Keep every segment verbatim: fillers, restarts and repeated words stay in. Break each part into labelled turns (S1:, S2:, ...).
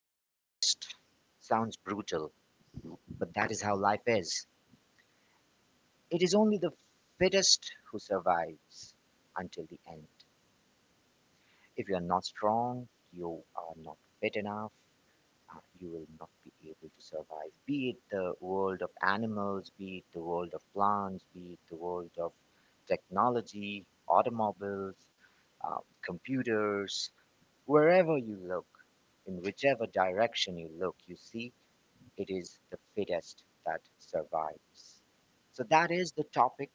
S1: of the fittest sounds brutal, but that is how life is. It is only the fittest who survives until the end. If you are not strong, you are not fit enough, uh, you will not be able to survive. Be it the world of animals, be it the world of plants, be it the world of technology, automobiles, uh, computers, wherever you look, in whichever direction you look, you see it is the fittest that survives. So, that is the topic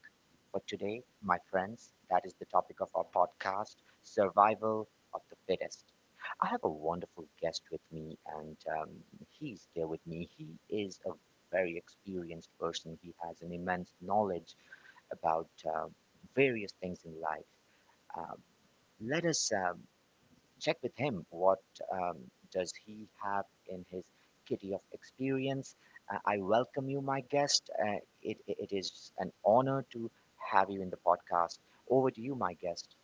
S1: for today, my friends. That is the topic of our podcast Survival of the Fittest. I have a wonderful guest with me, and um, he's there with me. He is a very experienced person, he has an immense knowledge about uh, various things in life. Um let us uh, check with him what um, does he have in his kitty of experience. Uh, I welcome you, my guest. Uh, it, it is an honor to have you in the podcast. Over to you, my guest.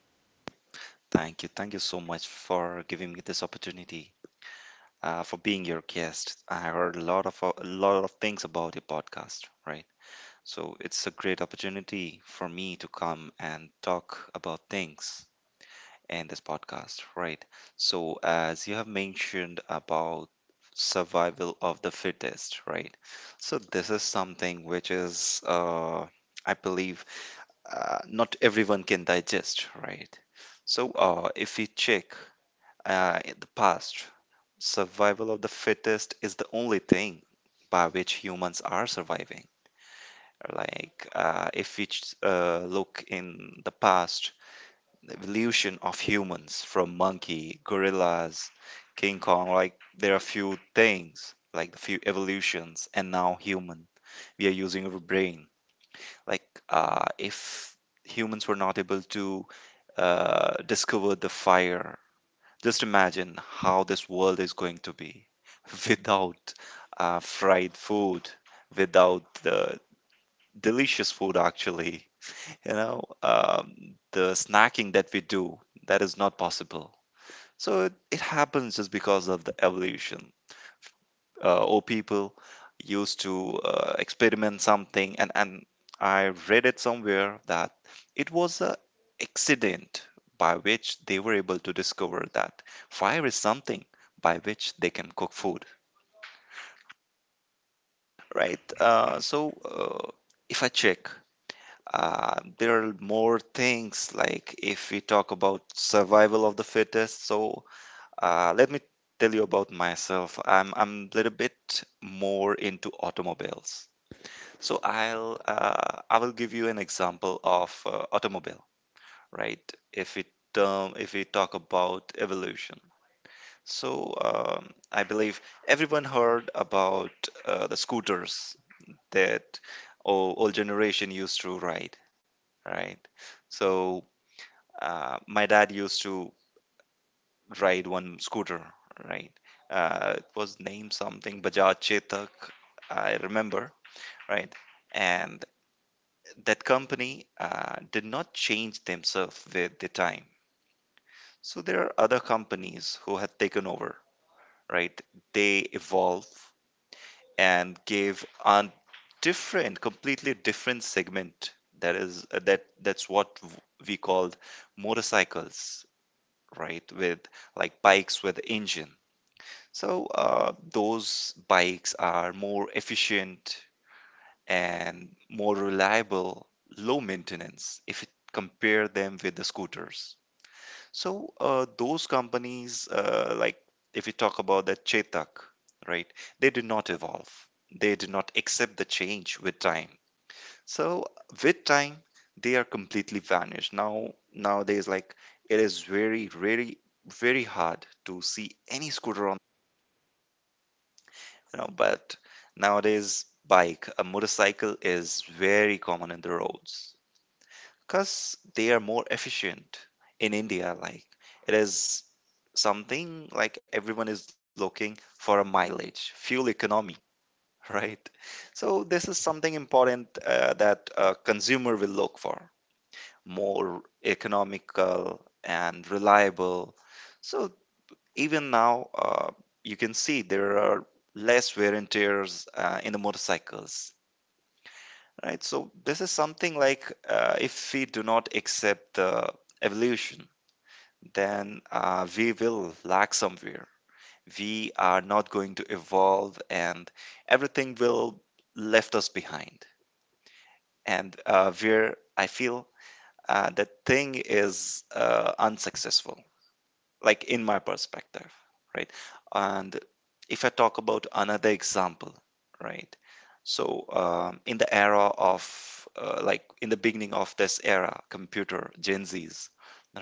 S2: Thank you. Thank you so much for giving me this opportunity, uh, for being your guest. I heard a lot of a lot of things about your podcast, right? So it's a great opportunity for me to come and talk about things in this podcast, right? So as you have mentioned about survival of the fittest, right? So this is something which is, uh, I believe, uh, not everyone can digest, right? So, uh, if we check uh, in the past, survival of the fittest is the only thing by which humans are surviving. Like, uh, if we ch- uh, look in the past, the evolution of humans from monkey, gorillas, King Kong, like, there are few things, like the few evolutions, and now human. We are using our brain. Like, uh, if humans were not able to uh, discover the fire. Just imagine how this world is going to be without uh, fried food, without the delicious food, actually. You know, um, the snacking that we do, that is not possible. So it, it happens just because of the evolution uh, or people used to uh, experiment something, and and I read it somewhere that it was a accident by which they were able to discover that fire is something by which they can cook food, right. Uh, so uh, if I check, uh, there are more things. Like if we talk about survival of the fittest, so uh, let me tell you about myself. I'm i'm a little bit more into automobiles. So I'll uh, I will give you an example of uh, automobile, right? If we term if we talk about evolution. So um, I believe everyone heard about uh, the scooters that o- old generation used to ride, right? So uh, my dad used to ride one scooter, right? Uh, it was named something Bajaj Chetak, I remember, right? And that company uh, did not change themselves with the time. So there are other companies who have taken over, right? They evolve and give a different, completely different segment. That is uh, that that's what w- we called motorcycles, right? With like bikes with engine. So uh, those bikes are more efficient and more reliable, low maintenance if you compare them with the scooters. So uh, those companies, uh, like if you talk about the Chetak, right, they did not evolve. They did not accept the change with time. So with time, they are completely vanished. Now nowadays, like it is very, very, very hard to see any scooter on, you know, but nowadays bike a motorcycle is very common in the roads because they are more efficient in India. Like it is something like everyone is looking for a mileage, fuel economy, right? So this is something important uh, that a consumer will look for, more economical and reliable. So even now, uh, you can see there are less wear and tears uh, in the motorcycles. Right, so this is something like, uh, if we do not accept the evolution, then uh, we will lag somewhere. We are not going to evolve and everything will left us behind. And uh, where I feel uh, that thing is uh, unsuccessful, like in my perspective, right? And if I talk about another example, right? So um, in the era of, uh, like in the beginning of this era, computer, Gen Zs,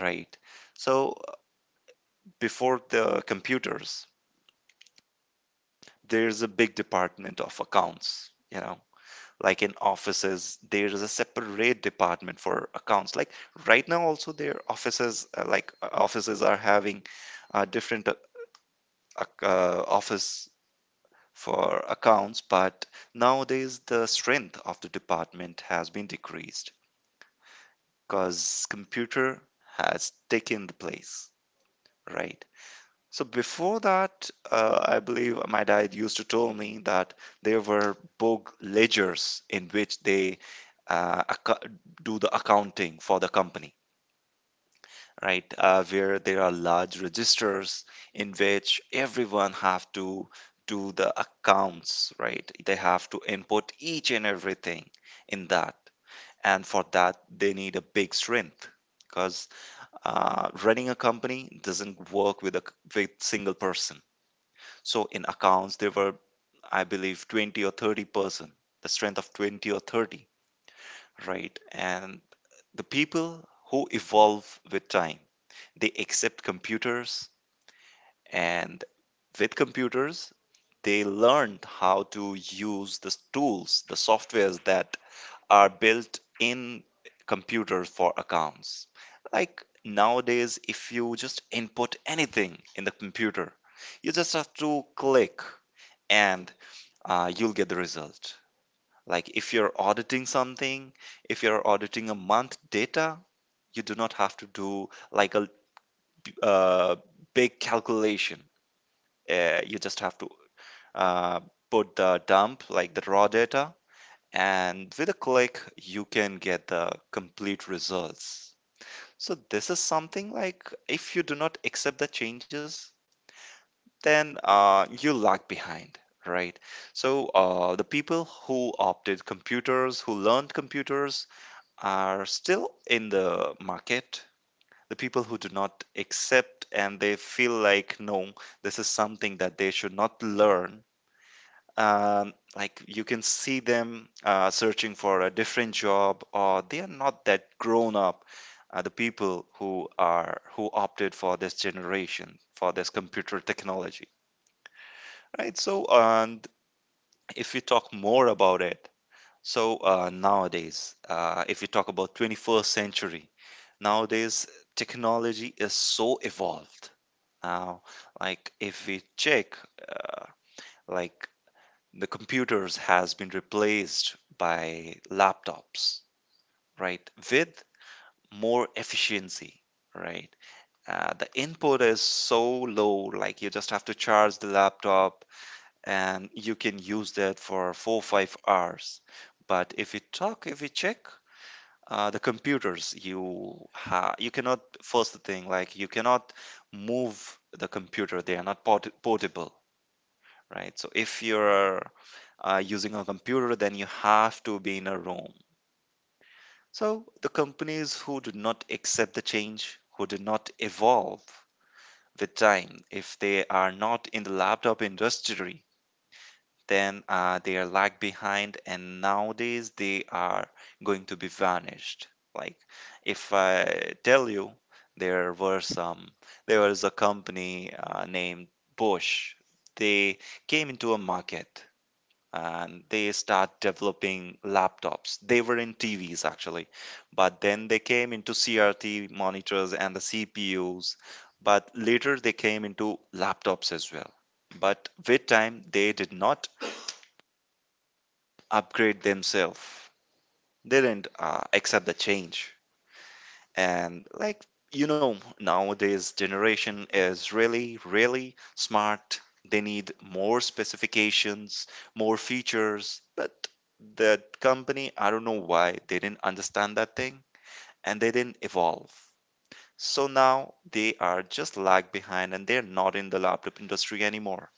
S2: right? So before the computers, there's a big department of accounts, you know. Like in offices, there is a separate department for accounts. Like right now, also their offices, uh, like uh, offices are having uh, different uh, ac- uh, office for accounts, but nowadays the strength of the department has been decreased because computer has taken the place, right? So before that, uh, I believe my dad used to tell me that there were book ledgers in which they uh, acco- do the accounting for the company, right? Uh, where there are large registers in which everyone have to do the accounts, right? They have to input each and everything in that, and for that they need a big strength because uh, running a company doesn't work with a c- with single person. So in accounts, there were, I believe, twenty or thirty person, the strength of twenty or thirty, right? And the people who evolve with time, they accept computers, and with computers, they learned how to use the tools, the softwares that are built in computers for accounts. Like nowadays, if you just input anything in the computer, you just have to click and uh, you'll get the result. Like if you're auditing something, if you're auditing a month data, you do not have to do like a uh, big calculation. Uh, you just have to uh, put the dump, like the raw data, and with a click, you can get the complete results. So this is something like, if you do not accept the changes, then uh, you lag behind, right? So uh, the people who opted computers, who learned computers, are still in the market. The people who do not accept and they feel like, no, this is something that they should not learn. Um, like you can see them uh, searching for a different job, or they are not that grown up. Uh, the people who are who opted for this generation, for this computer technology. Right. So, and if we talk more about it, so uh, nowadays, uh, if we talk about twenty-first century, nowadays technology is so evolved. Now, like if we check, uh, like the computers has been replaced by laptops, right? With more efficiency, right? Uh, the input is so low, like you just have to charge the laptop and you can use that for four or five hours. But if you talk, if you check uh, the computers, you ha you cannot. First thing, like you cannot move the computer. They are not port portable, right? So if you're uh, using a computer, then you have to be in a room. So the companies who do not accept the change, who do not evolve with time, if they are not in the laptop industry, then uh, they are lag behind and nowadays they are going to be vanished. Like if I tell you, there were some there was a company uh, named Bosch. They came into a market and they start developing laptops. They were in TVs actually, but then they came into CRT monitors and the CPUs, but later they came into laptops as well. But with time they did not upgrade themselves. They didn't uh, accept the change. And like, you know, nowadays generation is really really smart. They need more specifications, more features, but the company, I don't know why they didn't understand that thing and they didn't evolve. So now they are just lag behind and they're not in the laptop industry anymore.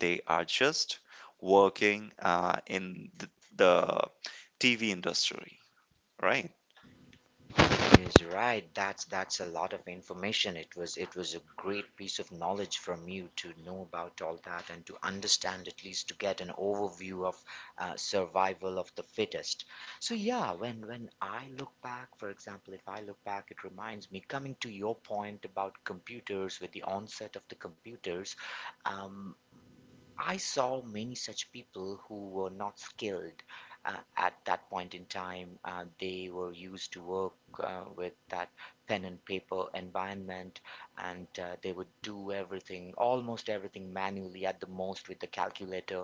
S2: They are just working uh, in the, the T V industry. Right,
S1: Is right. That's that's a lot of information. It was it was a great piece of knowledge from you to know about all that and to understand at least to get an overview of uh, survival of the fittest. So yeah, when when I look back, for example, if I look back, it reminds me coming to your point about computers with the onset of the computers. Um, I saw many such people who were not skilled uh, at that point in time. Uh, they were used to work uh, with that pen and paper environment, and uh, they would do everything, almost everything manually, at the most with the calculator.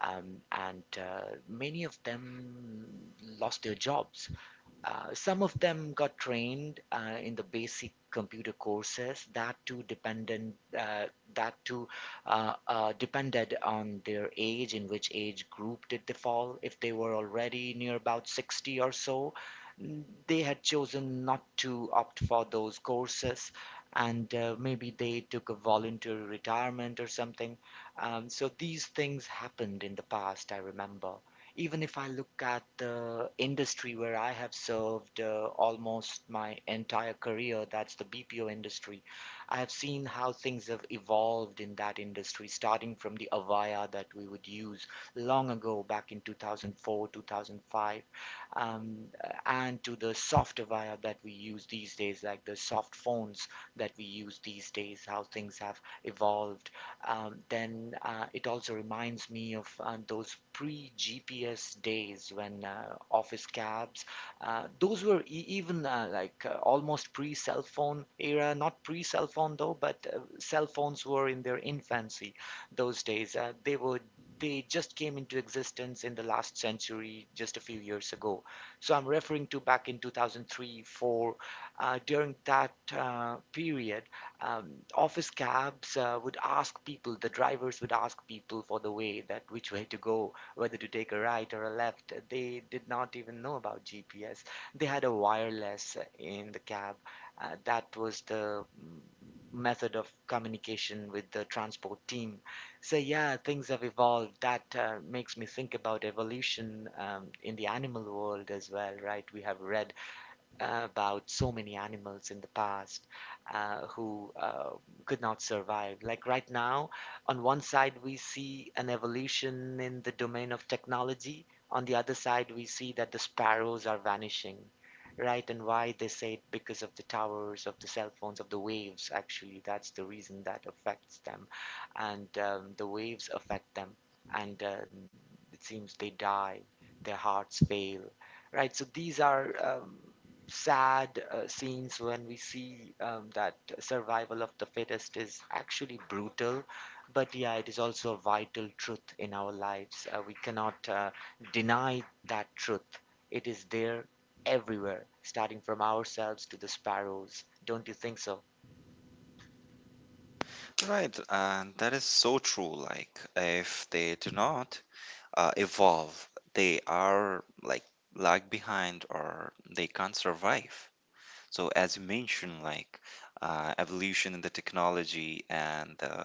S1: Um, and uh, many of them lost their jobs, uh, some of them got trained uh, in the basic computer courses, that too dependent uh, that too uh, uh, depended on their age. In which age group did they fall? If they were already near about sixty or so, n- they had chosen not to opt for those courses, and uh, maybe they took a voluntary retirement or something. Um, so these things happened in the past, I remember. Even if I look at the industry where I have served, uh, almost my entire career, that's the B P O industry, I have seen how things have evolved in that industry, starting from the Avaya that we would use long ago, back in two thousand four, two thousand five, um, and to the soft Avaya that we use these days, like the soft phones that we use these days, how things have evolved. Um, then uh, it also reminds me of uh, those pre-G P S days when uh, office cabs, uh, those were e- even uh, like uh, almost pre-cell phone era, not pre-cell phone though, but uh, cell phones were in their infancy those days. Uh, they were they just came into existence in the last century, just a few years ago. So I'm referring to back in two thousand three, four, uh, during that uh, period. um, Office cabs uh, would ask people, the drivers would ask people for the way, that which way to go, whether to take a right or a left. They did not even know about G P S. They had a wireless in the cab. Uh, that was the mm, method of communication with the transport team. So yeah, things have evolved. That uh, makes me think about evolution um, in the animal world as well, right? We have read about so many animals in the past uh, who uh, could not survive. Like right now, on one side, we see an evolution in the domain of technology; on the other side, we see that the sparrows are vanishing. Right, and why? They say it because of the towers, of the cell phones, of the waves. Actually, that's the reason that affects them, and um, the waves affect them, and um, it seems they die, their hearts fail, right? So these are um, sad uh, scenes when we see um, that survival of the fittest is actually brutal, but yeah, it is also a vital truth in our lives. Uh, we cannot uh, deny that truth. It is there everywhere, starting from ourselves to the sparrows. Don't you think so?
S2: right. And that is so true. Like, if they do not uh, evolve, they are like lag behind or they can't survive. So, as you mentioned, like uh, evolution in the technology and uh,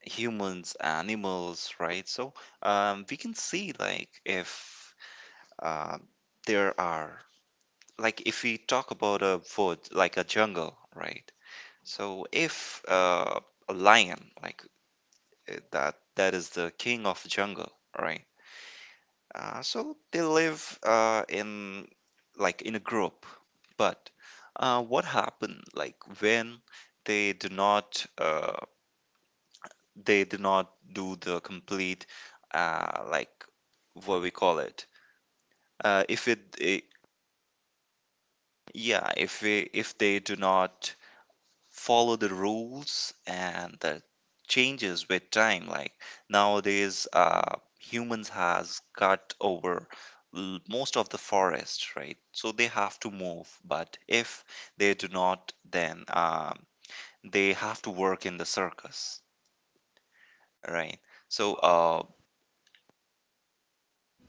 S2: humans, animals, right? So, um, we can see like if uh, there are, like, if we talk about a wood, like a jungle, right? So, if uh, a lion, like uh, that that is the king of the jungle, right? Uh, so they live uh, in like in a group, but uh, what happened like when they do not uh, they do not do the complete uh, like what we call it uh, if it, eh, yeah, if we, if they do not follow the rules, and that changes with time. Like nowadays uh, humans has cut over l- most of the forest, right? So they have to move, but if they do not, then um, they have to work in the circus, right? So uh,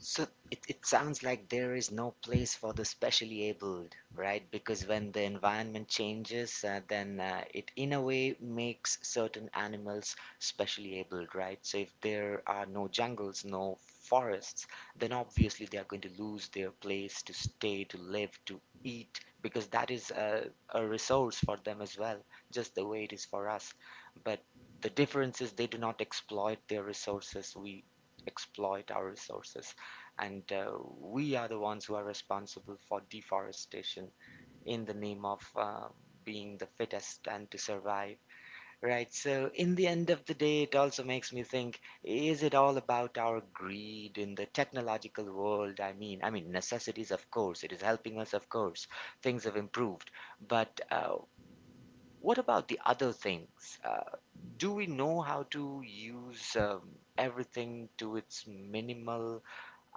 S1: So it, it sounds like there is no place for the specially abled, right? Because when the environment changes, uh, then uh, it in a way makes certain animals specially abled, right? So if there are no jungles, no forests, then obviously they are going to lose their place to stay, to live, to eat, because that is a, a resource for them as well, just the way it is for us. But the difference is they do not exploit their resources. We exploit our resources, and uh, we are the ones who are responsible for deforestation in the name of uh, being the fittest and to survive. Right, so in the end of the day, it also makes me think, is it all about our greed in the technological world? I mean i mean necessities, of course it is helping us, of course things have improved, but uh, what about the other things? Uh, do we know how to use um, everything to its minimal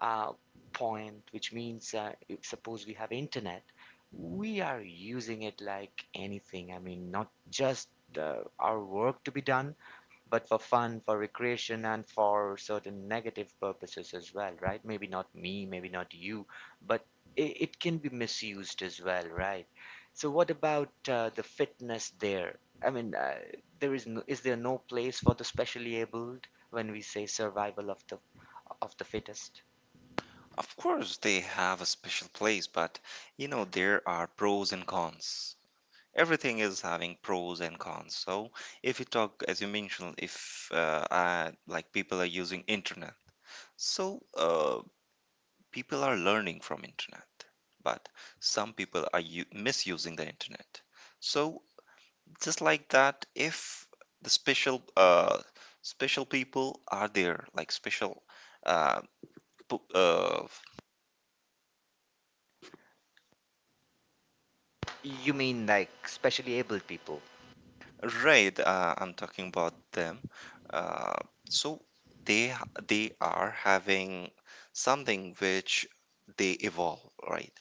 S1: uh, point? Which means uh, if suppose we have internet, we are using it like anything. I mean, not just uh, our work to be done, but for fun, for recreation, and for certain negative purposes as well, right? Maybe not me, maybe not you, but it, it can be misused as well, right? So, what about uh, the fitness there? I mean, uh, there is no, is there no place for the specially abled when we say survival of the of the fittest?
S2: of course they have a special place, but you know there are pros and cons. Everything is having pros and cons. So if you talk, as you mentioned, if uh, I, like people are using internet, so uh, people are learning from internet, but some people are u- misusing the internet. So just like that, if the special uh, special people are there, like special uh, p- uh,
S1: You mean like specially able people?
S2: right, uh, I'm talking about them. Uh, so they ha- they are having something which they evolve, right?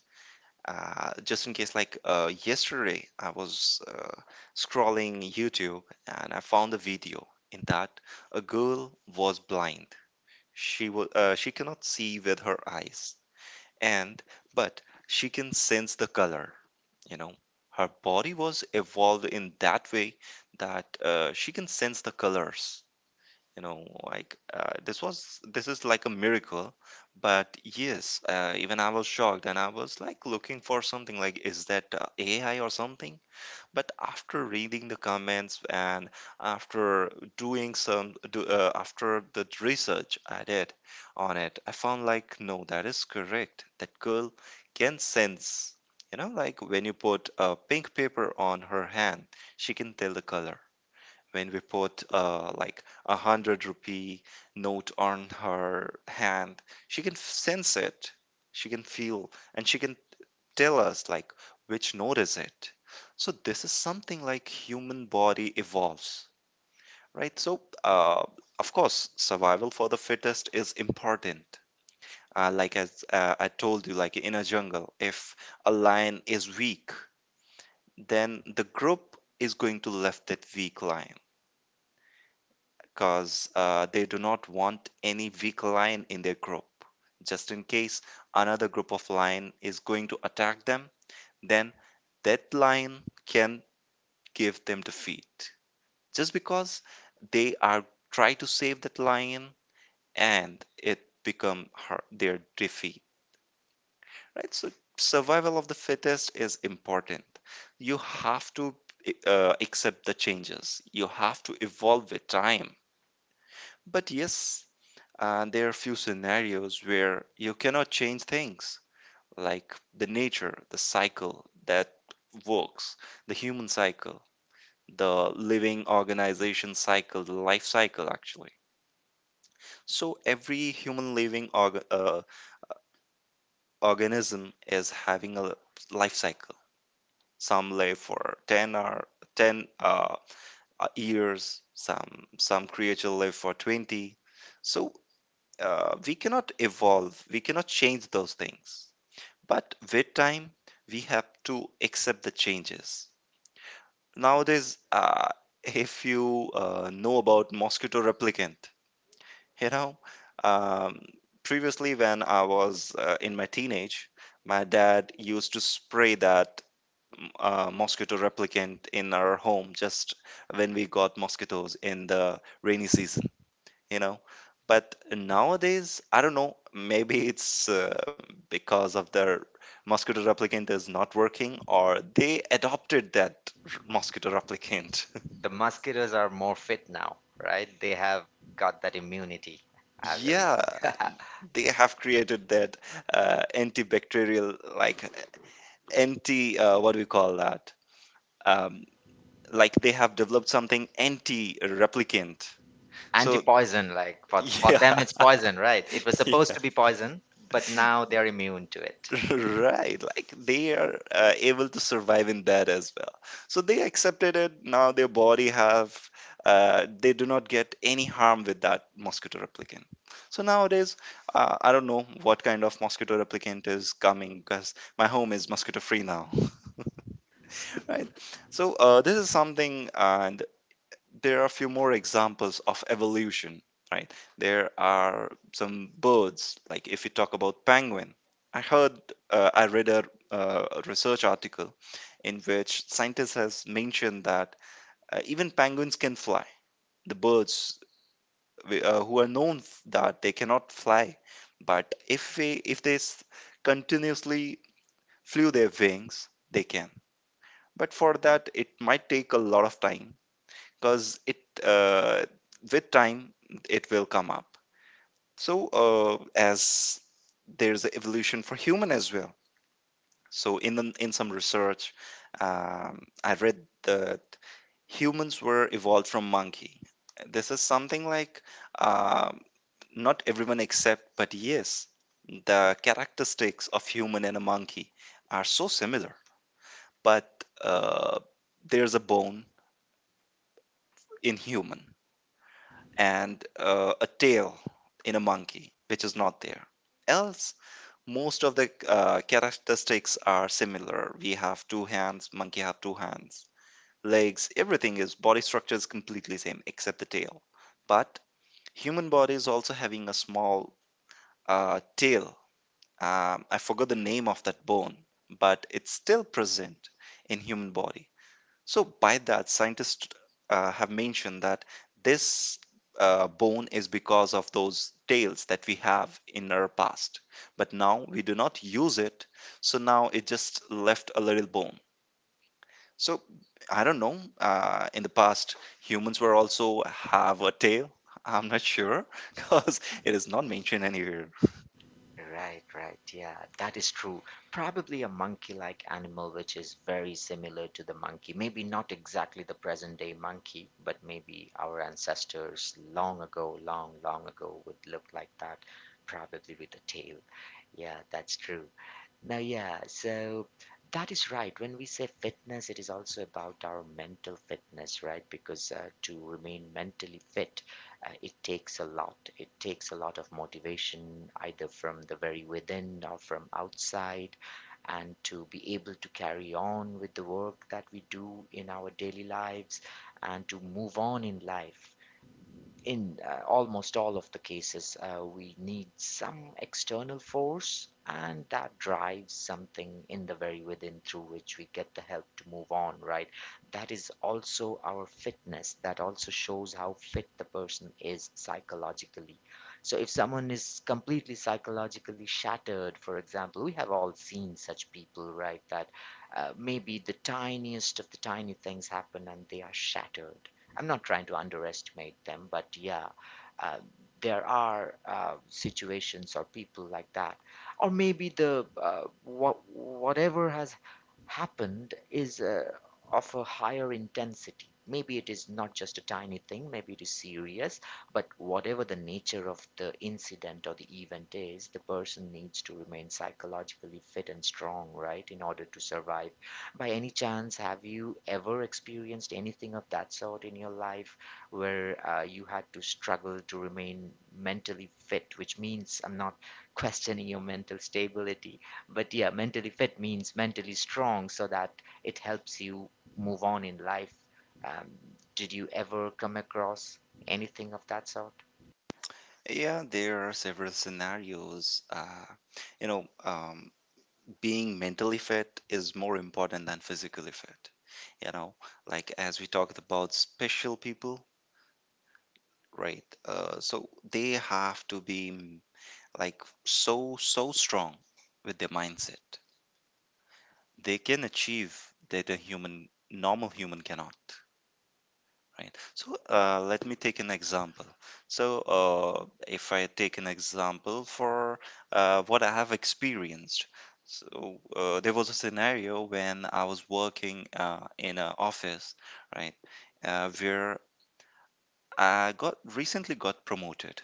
S2: Uh, just in case, like uh, yesterday, I was uh, scrolling YouTube and I found a video. In that, a girl was blind. She was uh, she cannot see with her eyes, and but she can sense the color. you know Her body was evolved in that way that uh, she can sense the colors. you know like uh, this was this is like a miracle. But yes, uh, even I was shocked, and I was like looking for something like, is that uh, A I or something? But after reading the comments, and after doing some do, uh, after the research I did on it, I found like, no, that is correct, that girl can sense. You know like, when you put a pink paper on her hand, she can tell the color. When we put uh, like a hundred rupee note on her hand, she can f- sense it. She can feel, and she can tell us like which node is it. So this is something like human body evolves, right? So uh, of course survival for the fittest is important. Uh, like, as uh, I told you, like in a jungle, if a lion is weak, then the group is going to left that weak lion, because uh, they do not want any weak lion in their group. Just in case another group of lion is going to attack them, then that lion can give them defeat. Just because they are try to save that lion, and it become her, their defeat, right? So survival of the fittest is important. You have to uh, accept the changes, you have to evolve with time. But yes, uh, there are few scenarios where you cannot change things, like the nature, the cycle that works, the human cycle, the living organization cycle, the life cycle actually. So every human living org- uh, organism is having a life cycle. Some live for ten or ten uh, uh, years, some some creature live for twenty. So uh, we cannot evolve, we cannot change those things. But with time, we have to accept the changes. Nowadays, uh, if you uh, know about mosquito replicant. You know, um, Previously when I was uh, in my teenage, my dad used to spray that mm, uh, mosquito replicant in our home just when we got mosquitoes in the rainy season, you know. But nowadays, I don't know, maybe it's uh, because of their mosquito replicant is not working, or they adopted that r- mosquito replicant.
S1: The musketeers are more fit now, right? They have got that immunity, I believe.
S2: Yeah, they have created that uh, antibacterial, like anti, uh, what do we call that? Um, like, they have developed something anti-replicant. So
S1: Anti-poison, like for for
S2: yeah,
S1: them it's poison, right? It was
S2: yeah,
S1: supposed to be poison, but now they're immune to it.
S2: right, like they are uh, able to survive in that as well. So they accepted it. Now their body have, uh, they do not get any harm with that mosquito replicant. So nowadays, uh, I don't know what kind of mosquito replicant is coming, because my home is mosquito free now. Right. So uh, this is something, uh, there are a few more examples of evolution, right? There are some birds, like if you talk about penguin. I heard, uh, I read a, uh, research article in which scientists has mentioned that uh, even penguins can fly. The birds wi- uh, who are known f- that they cannot fly, but if we, if they s- continuously flew their wings, they can. But for that, it might take a lot of time, because it uh, with time it will come up. So uh, as there's an evolution for human as well, so in the, in some research, um, I read that humans were evolved from monkey. This is something like, um not everyone accept, but yes, the characteristics of human and a monkey are so similar. But uh, there's a bone in human, and uh, a tail in a monkey, which is not there. Else, most of the uh, characteristics are similar. We have two hands, monkey have two hands, legs, everything is body structure is completely same except the tail. But human body is also having a small uh, tail. Um, I forgot the name of that bone, but it's still present in human body. So, by that, scientists uh, have mentioned that this uh, bone is because of those tails that we have in our past. But now we do not use it, so now it just left a little bone. So, I don't know. Uh, in the past, humans were also have a tail. I'm not sure because it is not mentioned anywhere.
S1: Right, right. Yeah, that is true. Probably a monkey-like animal which is very similar to the monkey. Maybe not exactly the present-day monkey, but maybe our ancestors long ago, long, long ago would look like that, probably with a tail. Yeah, that's true. Now, yeah, so that is right. When we say fitness, it is also about our mental fitness, right? Because uh, to remain mentally fit, uh, it takes a lot. It takes a lot of motivation, either from the very within or from outside, and to be able to carry on with the work that we do in our daily lives and to move on in life, in uh, almost all of the cases, uh, we need some external force, and that drives something in the very within through which we get the help to move on, right? That is also our fitness. That also shows how fit the person is psychologically. So, if someone is completely psychologically shattered, for example, we have all seen such people, right? That uh, maybe the tiniest of the tiny things happen and they are shattered. I'm not trying to underestimate them, but yeah, uh, there are uh, situations or people like that, or maybe the uh, what whatever has happened is uh, of a higher intensity. Maybe it is not just a tiny thing, maybe it is serious, but whatever the nature of the incident or the event is, the person needs to remain psychologically fit and strong, right, in order to survive. By any chance, have you ever experienced anything of that sort in your life where uh, you had to struggle to remain mentally fit? Which means I'm not questioning your mental stability, but yeah, mentally fit means mentally strong, so that it helps you move on in life. Um, did you ever come across anything of that sort?
S2: Yeah, there are several scenarios. Uh, you know, um, being mentally fit is more important than physically fit. you know like, as we talked about special people, right? Uh, so they have to be mm, like so so strong with their mindset, they can achieve that a human normal human cannot, right? So uh, let me take an example. So uh, if I take an example for uh, what I have experienced. So uh, there was a scenario when I was working uh, in an office, right, uh, where I got recently got promoted,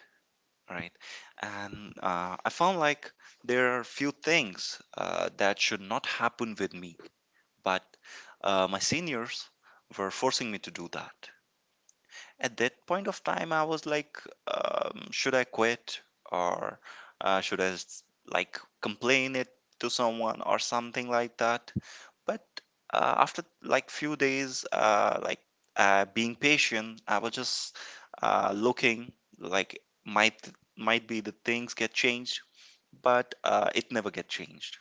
S2: right? And uh, I found like, there are few things uh, that should not happen with me, but uh, my seniors were forcing me to do that. At that point of time, I was like, um, should I quit, or uh, should I s- like complain it to someone or something like that? But uh, after like few days, uh, like uh, being patient, I was just uh, looking like might might be the things get changed, but uh, it never get changed.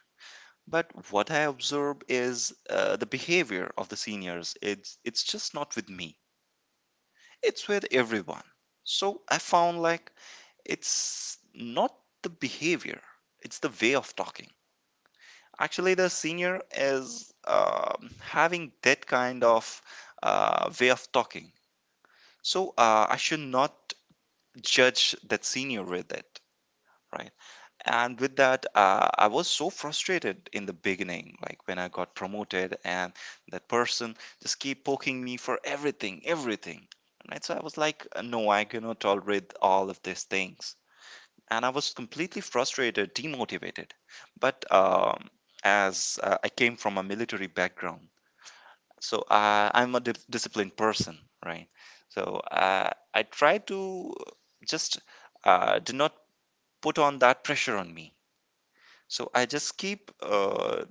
S2: But what I observe is uh, the behavior of the seniors. It's it's just not with me, it's with everyone. So I found like, it's not the behavior, it's the way of talking. Actually, the senior is um having that kind of uh, way of talking. So uh, I should not judge that senior with it, right? And with that, uh, I was so frustrated in the beginning, like when I got promoted, and that person just keep poking me for everything, everything. Right? So I was like, no, I cannot tolerate all of these things, and I was completely frustrated, demotivated. But um, as uh, I came from a military background, so uh, I'm a di- disciplined person, right? So uh, I try to just uh, do not put on that pressure on me. So I just keep uh,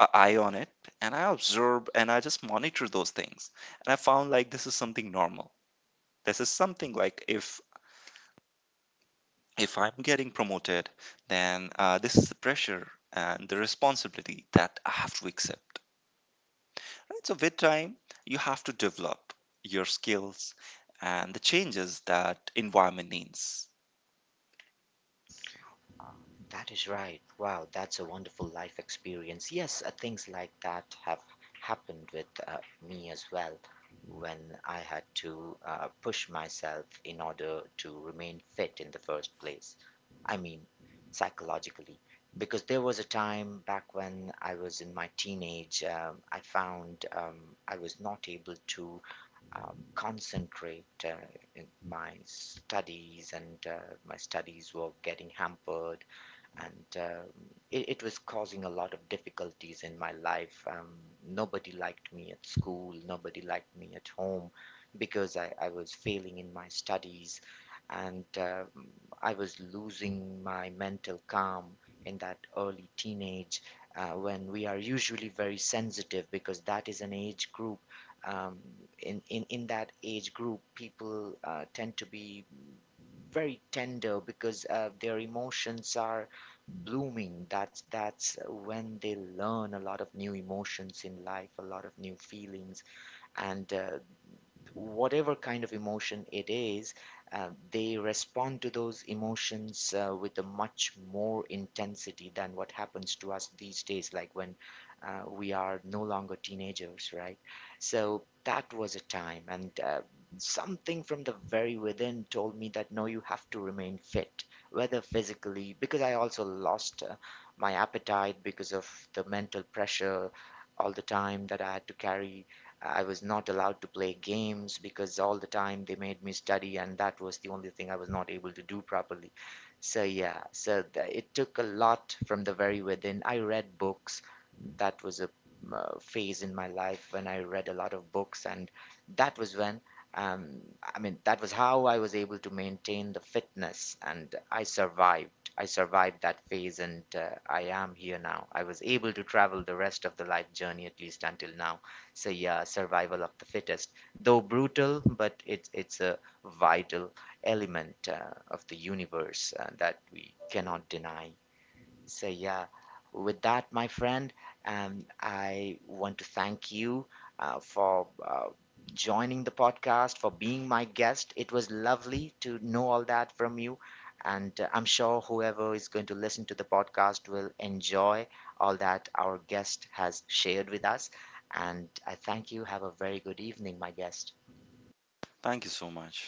S2: an eye on it, and I observe, and I just monitor those things. And I found like, this is something normal. This is something like, if if I'm getting promoted, then uh, this is the pressure and the responsibility that I have to accept. Right? So, with time, you have to develop your skills and the changes that environment needs.
S1: That is right. Wow, that's a wonderful life experience. Yes, uh, things like that have happened with uh, me as well, when I had to uh, push myself in order to remain fit in the first place. I mean, psychologically. Because there was a time back when I was in my teenage, um, I found um, I was not able to um, concentrate uh, in my studies, and uh, my studies were getting hampered, and um, it, it was causing a lot of difficulties in my life. Um, nobody liked me at school, nobody liked me at home because I, I was failing in my studies, and um, I was losing my mental calm in that early teenage uh, when we are usually very sensitive, because that is an age group. Um, in, in, in that age group, people uh, tend to be very tender, because uh, their emotions are blooming. That's that's when they learn a lot of new emotions in life, a lot of new feelings, and uh, whatever kind of emotion it is, uh, they respond to those emotions uh, with a much more intensity than what happens to us these days, like when uh, we are no longer teenagers, right? So that was a time, and uh, something from the very within told me that no, you have to remain fit, whether physically, because I also lost uh, my appetite because of the mental pressure all the time that I had to carry. I was not allowed to play games because all the time they made me study, and that was the only thing I was not able to do properly. So, yeah, so th- it took a lot from the very within. I read books. That was a uh, phase in my life when I read a lot of books, and that was when, um, I mean, that was how I was able to maintain the fitness, and I survived. I survived that phase, and uh, I am here now. I was able to travel the rest of the life journey, at least until now. So yeah, survival of the fittest, though brutal, but it's it's a vital element uh, of the universe uh, that we cannot deny. So yeah, with that, my friend, um, I want to thank you uh, for uh, joining the podcast, for being my guest. It was lovely to know all that from you, and uh, I'm sure whoever is going to listen to the podcast will enjoy all that our guest has shared with us. And I thank you. Have a very good evening, my guest.
S2: Thank you so much.